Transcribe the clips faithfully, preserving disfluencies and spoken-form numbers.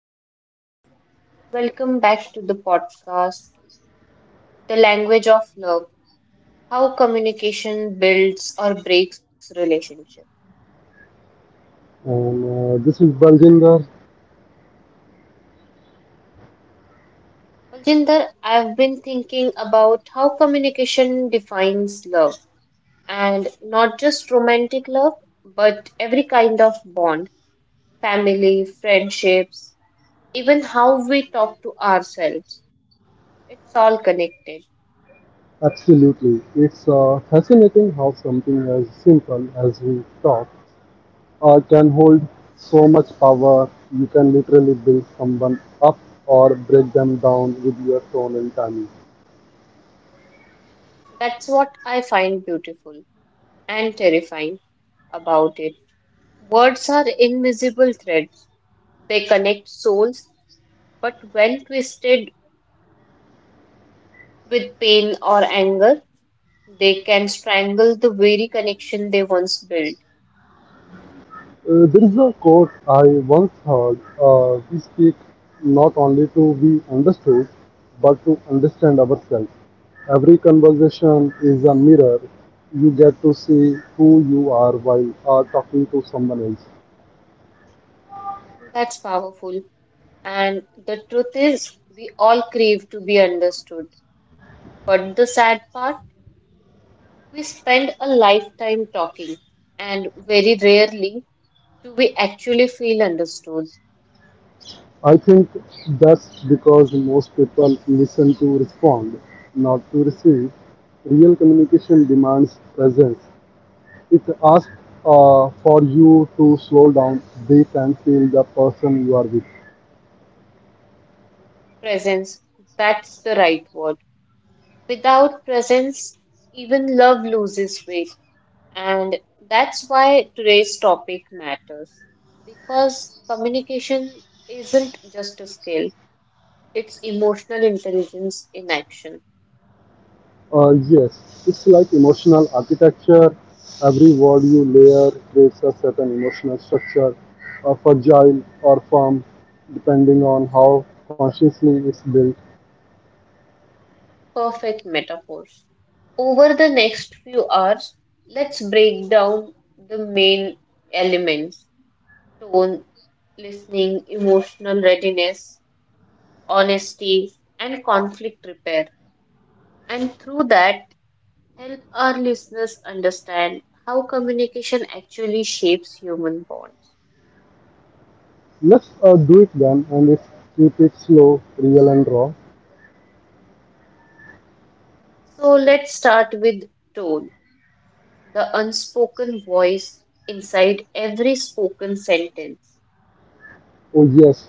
I am Poonam. Welcome back to the podcast, The Language of Love: How Communication Builds or Breaks Relationship. And uh, this is Baljinder. Baljinder, I've been thinking about how communication defines love, and not just romantic love, but every kind of bond, family, friendships, even how we talk to ourselves. It's all connected. Absolutely. It's uh, fascinating how something as simple as we talk uh, can hold so much power. You can literally build someone up or break them down with your tone and timing. That's what I find beautiful and terrifying about it. Words are invisible threads. They connect souls, but when twisted with pain or anger, they can strangle the very connection they once built. Uh, there is a quote I once heard, uh, we speak not only to be understood, but to understand ourselves. Every conversation is a mirror. You get to see who you are while are talking to someone else. That's powerful. And the truth is, we all crave to be understood. But the sad part, we spend a lifetime talking, and very rarely do we actually feel understood. I think that's because most people listen to respond, not to receive. Real communication demands presence. It asks uh, for you to slow down, breathe, and feel the person you are with. Presence, that's the right word. Without presence, even love loses weight. And that's why today's topic matters. Because communication isn't just a skill, it's emotional intelligence in action. Uh, yes, it's like emotional architecture. Every word you layer creates a certain emotional structure, uh, fragile or firm, depending on how consciously it's built. Perfect metaphors. Over the next few hours, let's break down the main elements: tone, listening, emotional readiness, honesty, and conflict repair. And through that, help our listeners understand how communication actually shapes human bonds. Let's uh, do it then, and let's keep it slow, real, and raw. So let's start with tone, the unspoken voice inside every spoken sentence. Oh, yes,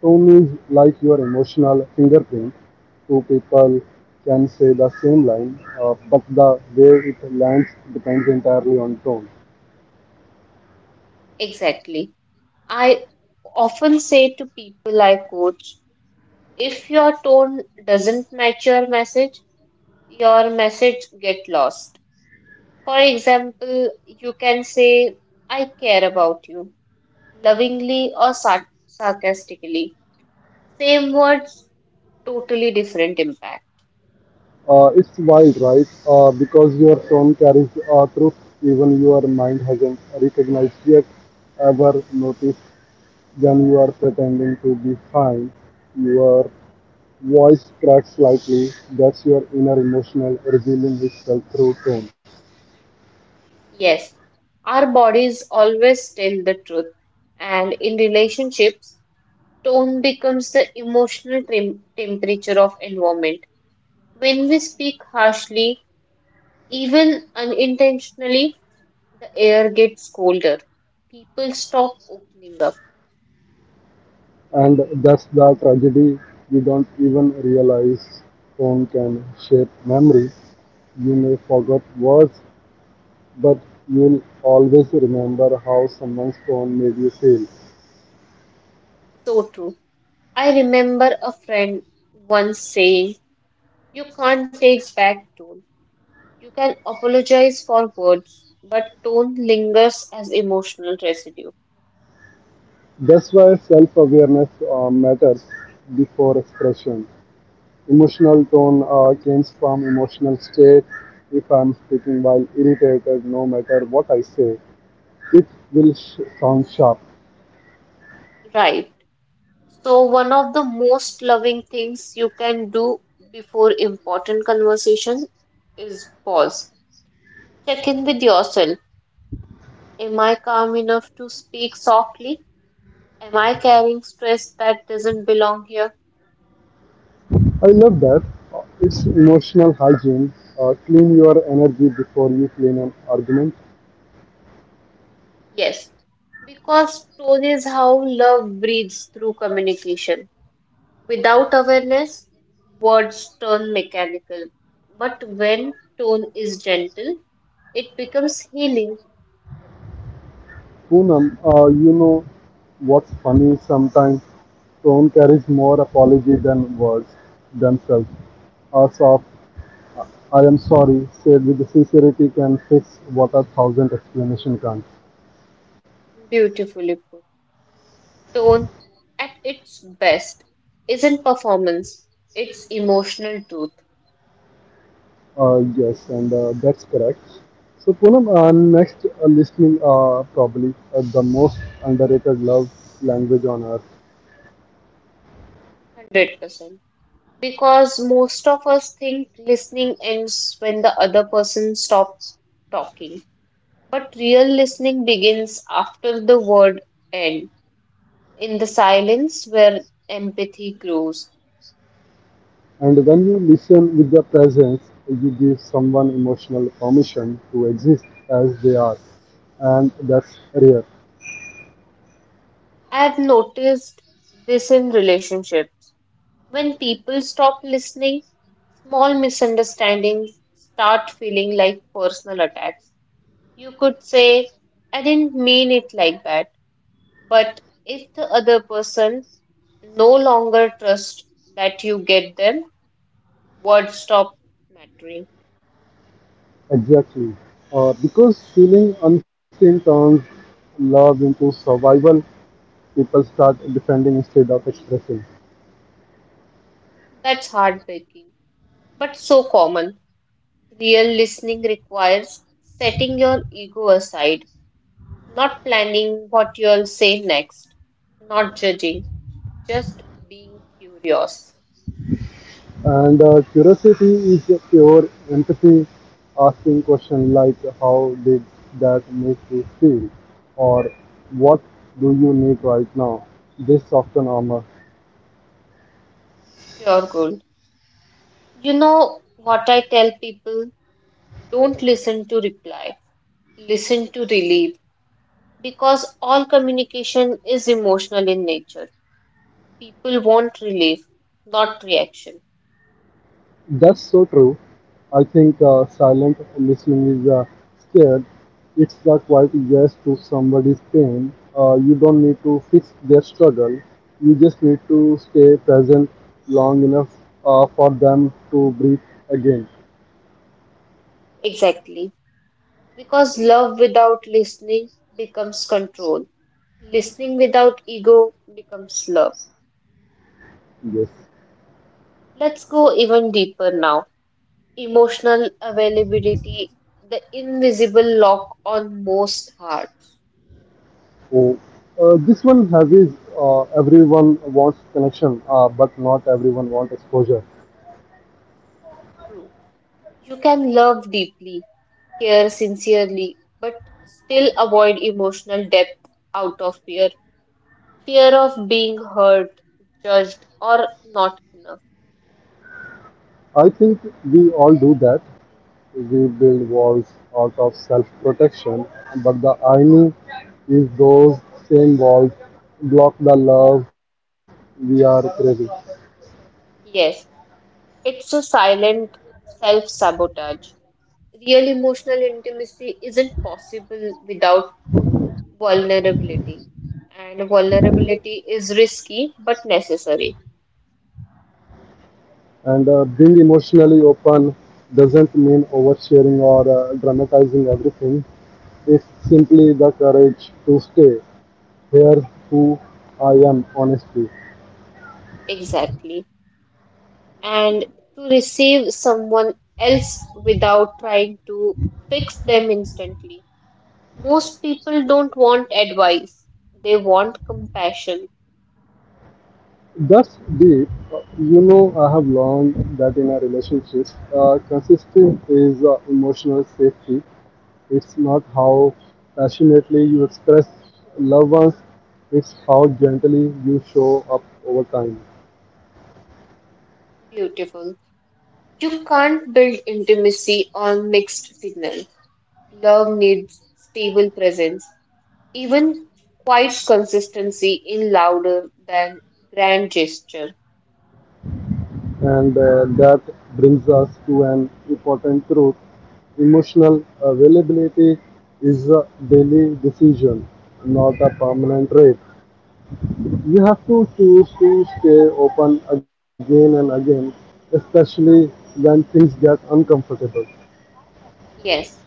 tone is like your emotional fingerprint. Two people can say the same line, uh, but the way it lands depends entirely on tone. Exactly. I often say to people I coach, if your tone doesn't match your message, your message get lost. For example, you can say, I care about you, lovingly or sar- sarcastically. Same words, totally different impact. Uh, it's wild, right? Uh, because your tone carries uh, truth even your mind hasn't recognized yet. Ever noticed? Then you are pretending to be fine. Your voice cracks slightly. That's your inner emotional revealing itself through tone, Yes, our bodies always tell the truth, and in relationships, tone becomes the emotional tem- temperature of environment. When we speak harshly, even unintentionally, the air gets colder. People stop opening up. and that's the tragedy. You don't even realize tone can shape memory. You may forget words, but you'll always remember how someone's tone made you feel. So true. I remember a friend once saying, you can't take back tone. You can apologize for words, but tone lingers as emotional residue. That's why self-awareness uh, matters before expression. Emotional tone uh, comes from emotional state. If I'm speaking while irritated, no matter what I say, it will sh- sound sharp. Right. So, one of the most loving things you can do before important conversation is pause. Check in with yourself. Am I calm enough to speak softly? Am I carrying stress that doesn't belong here? I love that. Uh, It's emotional hygiene. Uh, clean your energy before you clean an argument. Yes, because tone is how love breathes through communication. Without awareness, words turn mechanical, but when tone is gentle, it becomes healing. Poonam, uh, you know what's funny sometimes? Tone carries more apology than words themselves. A soft "I am sorry," said with the sincerity, can fix what a thousand explanation can't. Beautifully put. Tone at its best isn't performance, it's emotional truth. Uh, yes, and uh, that's correct. So Poonam, uh, next, uh, listening, uh, probably uh, the most underrated love language on earth. one hundred percent. Because most of us think listening ends when the other person stops talking, but real listening begins after the word end, in the silence where empathy grows. And when you listen with the presence, you give someone emotional permission to exist as they are, and that's rare. I've noticed this in relationships. When people stop listening, small misunderstandings start feeling like personal attacks. You could say, I didn't mean it like that, but if the other person no longer trusts that you get them, words stop mattering. Exactly, uh, because feeling unseen turns love into survival. People start defending instead of expressing. That's heartbreaking, but so common. Real listening requires setting your ego aside. Not planning what you'll say next, not judging, just being curious. And uh, curiosity is pure empathy, asking questions like how did that make you feel, or what do you need right now? This often armor. Pure gold. You know what I tell people? Don't listen to reply, listen to relief. Because all communication is emotional in nature. People want relief, not reaction. That's so true. I think uh, silent listening is, uh, scared. It's the quiet yes to somebody's pain. Uh, you don't need to fix their struggle. You just need to stay present long enough uh, for them to breathe again. Exactly. Because love without listening becomes control, listening without ego becomes love. Yes. Let's go even deeper now. Emotional availability, the invisible lock on most hearts. So uh, this one has is, uh, everyone wants connection, uh, but not everyone wants exposure. True. You can love deeply, care sincerely, but still avoid emotional depth out of fear. Fear of being hurt, judged, or not enough. I think we all do that. We build walls out of self-protection, but the irony is those same walls block the love we are craving. Yes, it's a silent self sabotage. Real emotional intimacy isn't possible without vulnerability, and vulnerability is risky but necessary. And uh, being emotionally open doesn't mean oversharing or uh, dramatizing everything. It's simply the courage to stay here who I am honestly. Exactly. And to receive someone else without trying to fix them instantly. Most people don't want advice, they want compassion. That's deep. Uh, You know, I have learned that in a relationship, uh, consistency is uh, emotional safety. It's not how passionately you express loved ones, it's how gently you show up over time. Beautiful. You can't build intimacy on mixed signals. Love needs stable presence, even quiet consistency in louder than grand gesture. And uh, that brings us to an important truth. Emotional availability is a daily decision, not a permanent trait. You have to choose to stay open again and again, especially when things get uncomfortable. Yes,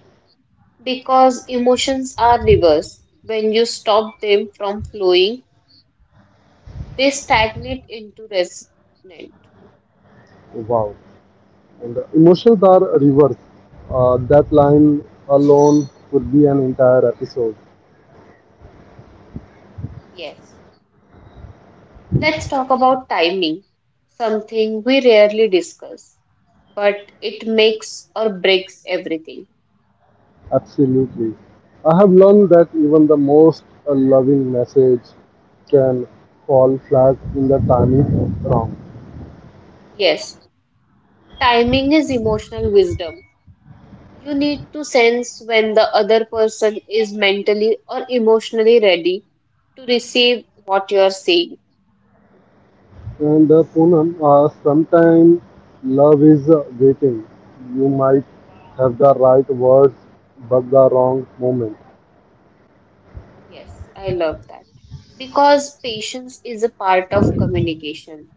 because emotions are rivers. When you stop them from flowing, they stagnate into resentment. Wow. And the emotions are reversed. Uh, that line alone could be an entire episode. Yes. Let's talk about timing, something we rarely discuss, but it makes or breaks everything. Absolutely. I have learned that even the most uh, loving message can fall flat in the timing wrong. Yes, timing is emotional wisdom. You need to sense when the other person is mentally or emotionally ready to receive what you are saying. And uh, Poonam, uh, sometimes love is uh, waiting. You might have the right words but the wrong moment. Yes, I love that. Because patience is a part of communication.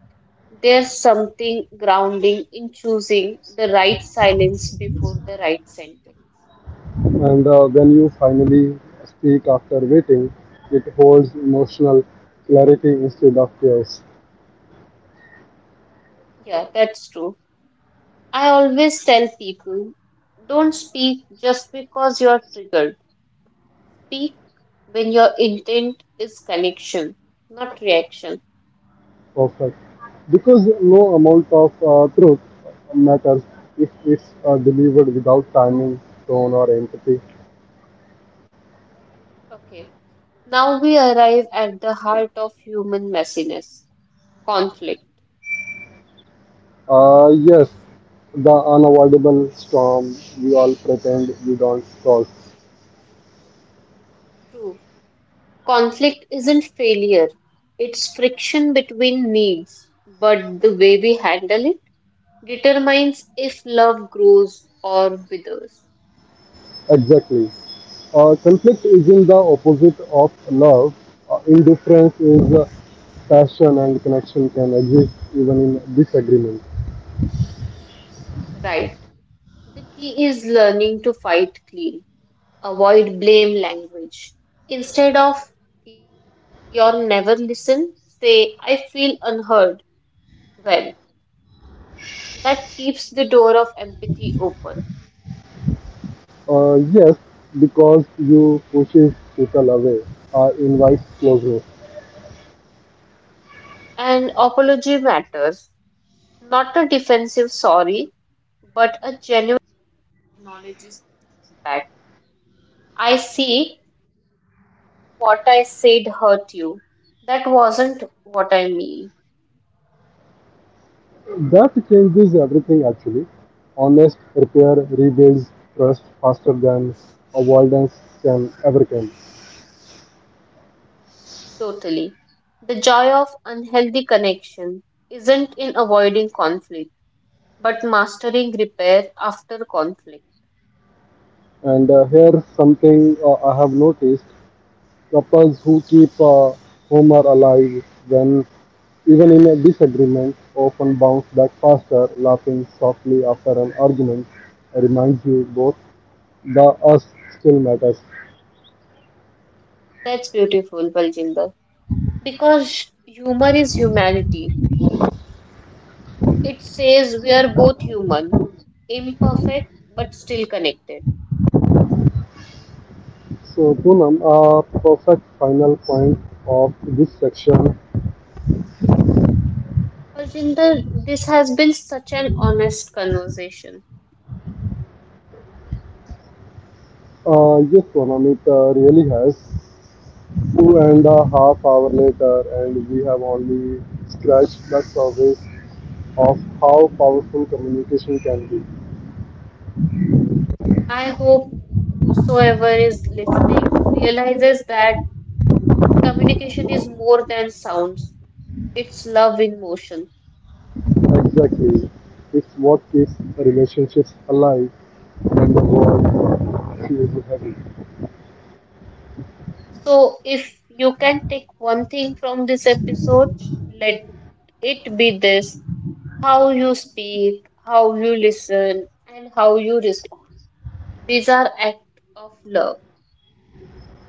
There's something grounding in choosing the right silence before the right sentence. And uh, when you finally speak after waiting, it holds emotional clarity instead of chaos. Yeah, that's true. I always tell people, don't speak just because you're triggered. Speak when your intent is connection, not reaction. Perfect. Because no amount of uh, truth matters if it's uh, delivered without timing, tone, or empathy. Okay. Now we arrive at the heart of human messiness: conflict. Uh, yes, the unavoidable storm we all pretend we don't cause. True. Conflict isn't failure, it's friction between needs, but the way we handle it determines if love grows or withers. Exactly. Uh, conflict isn't the opposite of love. Uh, indifference is. Uh, passion and connection can exist even in disagreement. Right. The key is learning to fight clean. Avoid blame language. Instead of you're never listen, say I feel unheard. Well, that keeps the door of empathy open. Uh, yes, because you pushes people away, or invites closeness. And apology matters. Not a defensive sorry, but a— That changes everything actually. Honest repair rebuilds trust faster than avoidance can ever can. Totally. The joy of unhealthy connection isn't in avoiding conflict, but mastering repair after conflict. And uh, here something uh, I have noticed. Couples who keep a Homer alive when even in a disagreement often bounce back faster, laughing softly after an argument. Reminds you both the us still matters. That's beautiful, Baljinder. Because humor is humanity. It says we are both human, imperfect but still connected. So Poonam, a perfect final point of this section. Baljinder, this has been such an honest conversation. Uh, yes, Poonam, it uh, really has, two and a half hour later, and we have only scratched the surface of how powerful communication can be. I hope whosoever is listening realizes that communication is more than sounds, it's love in motion. Exactly. It's what keeps relationships alive when the world feels heavy. So, if you can take one thing from this episode, let it be this: how you speak, how you listen, and how you respond. These are acts of love.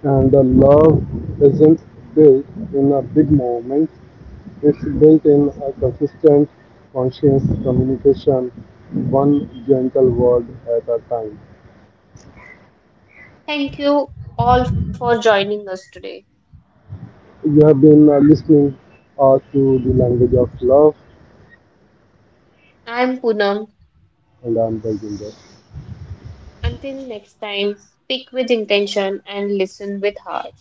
And the love isn't built in a big moment, it's built in a consistent, conscious communication, one gentle word at a time. Thank you all for joining us today. You have been uh, listening uh, to the language of love, I am Poonam. and I'm building it. Until next time, speak with intention and listen with heart.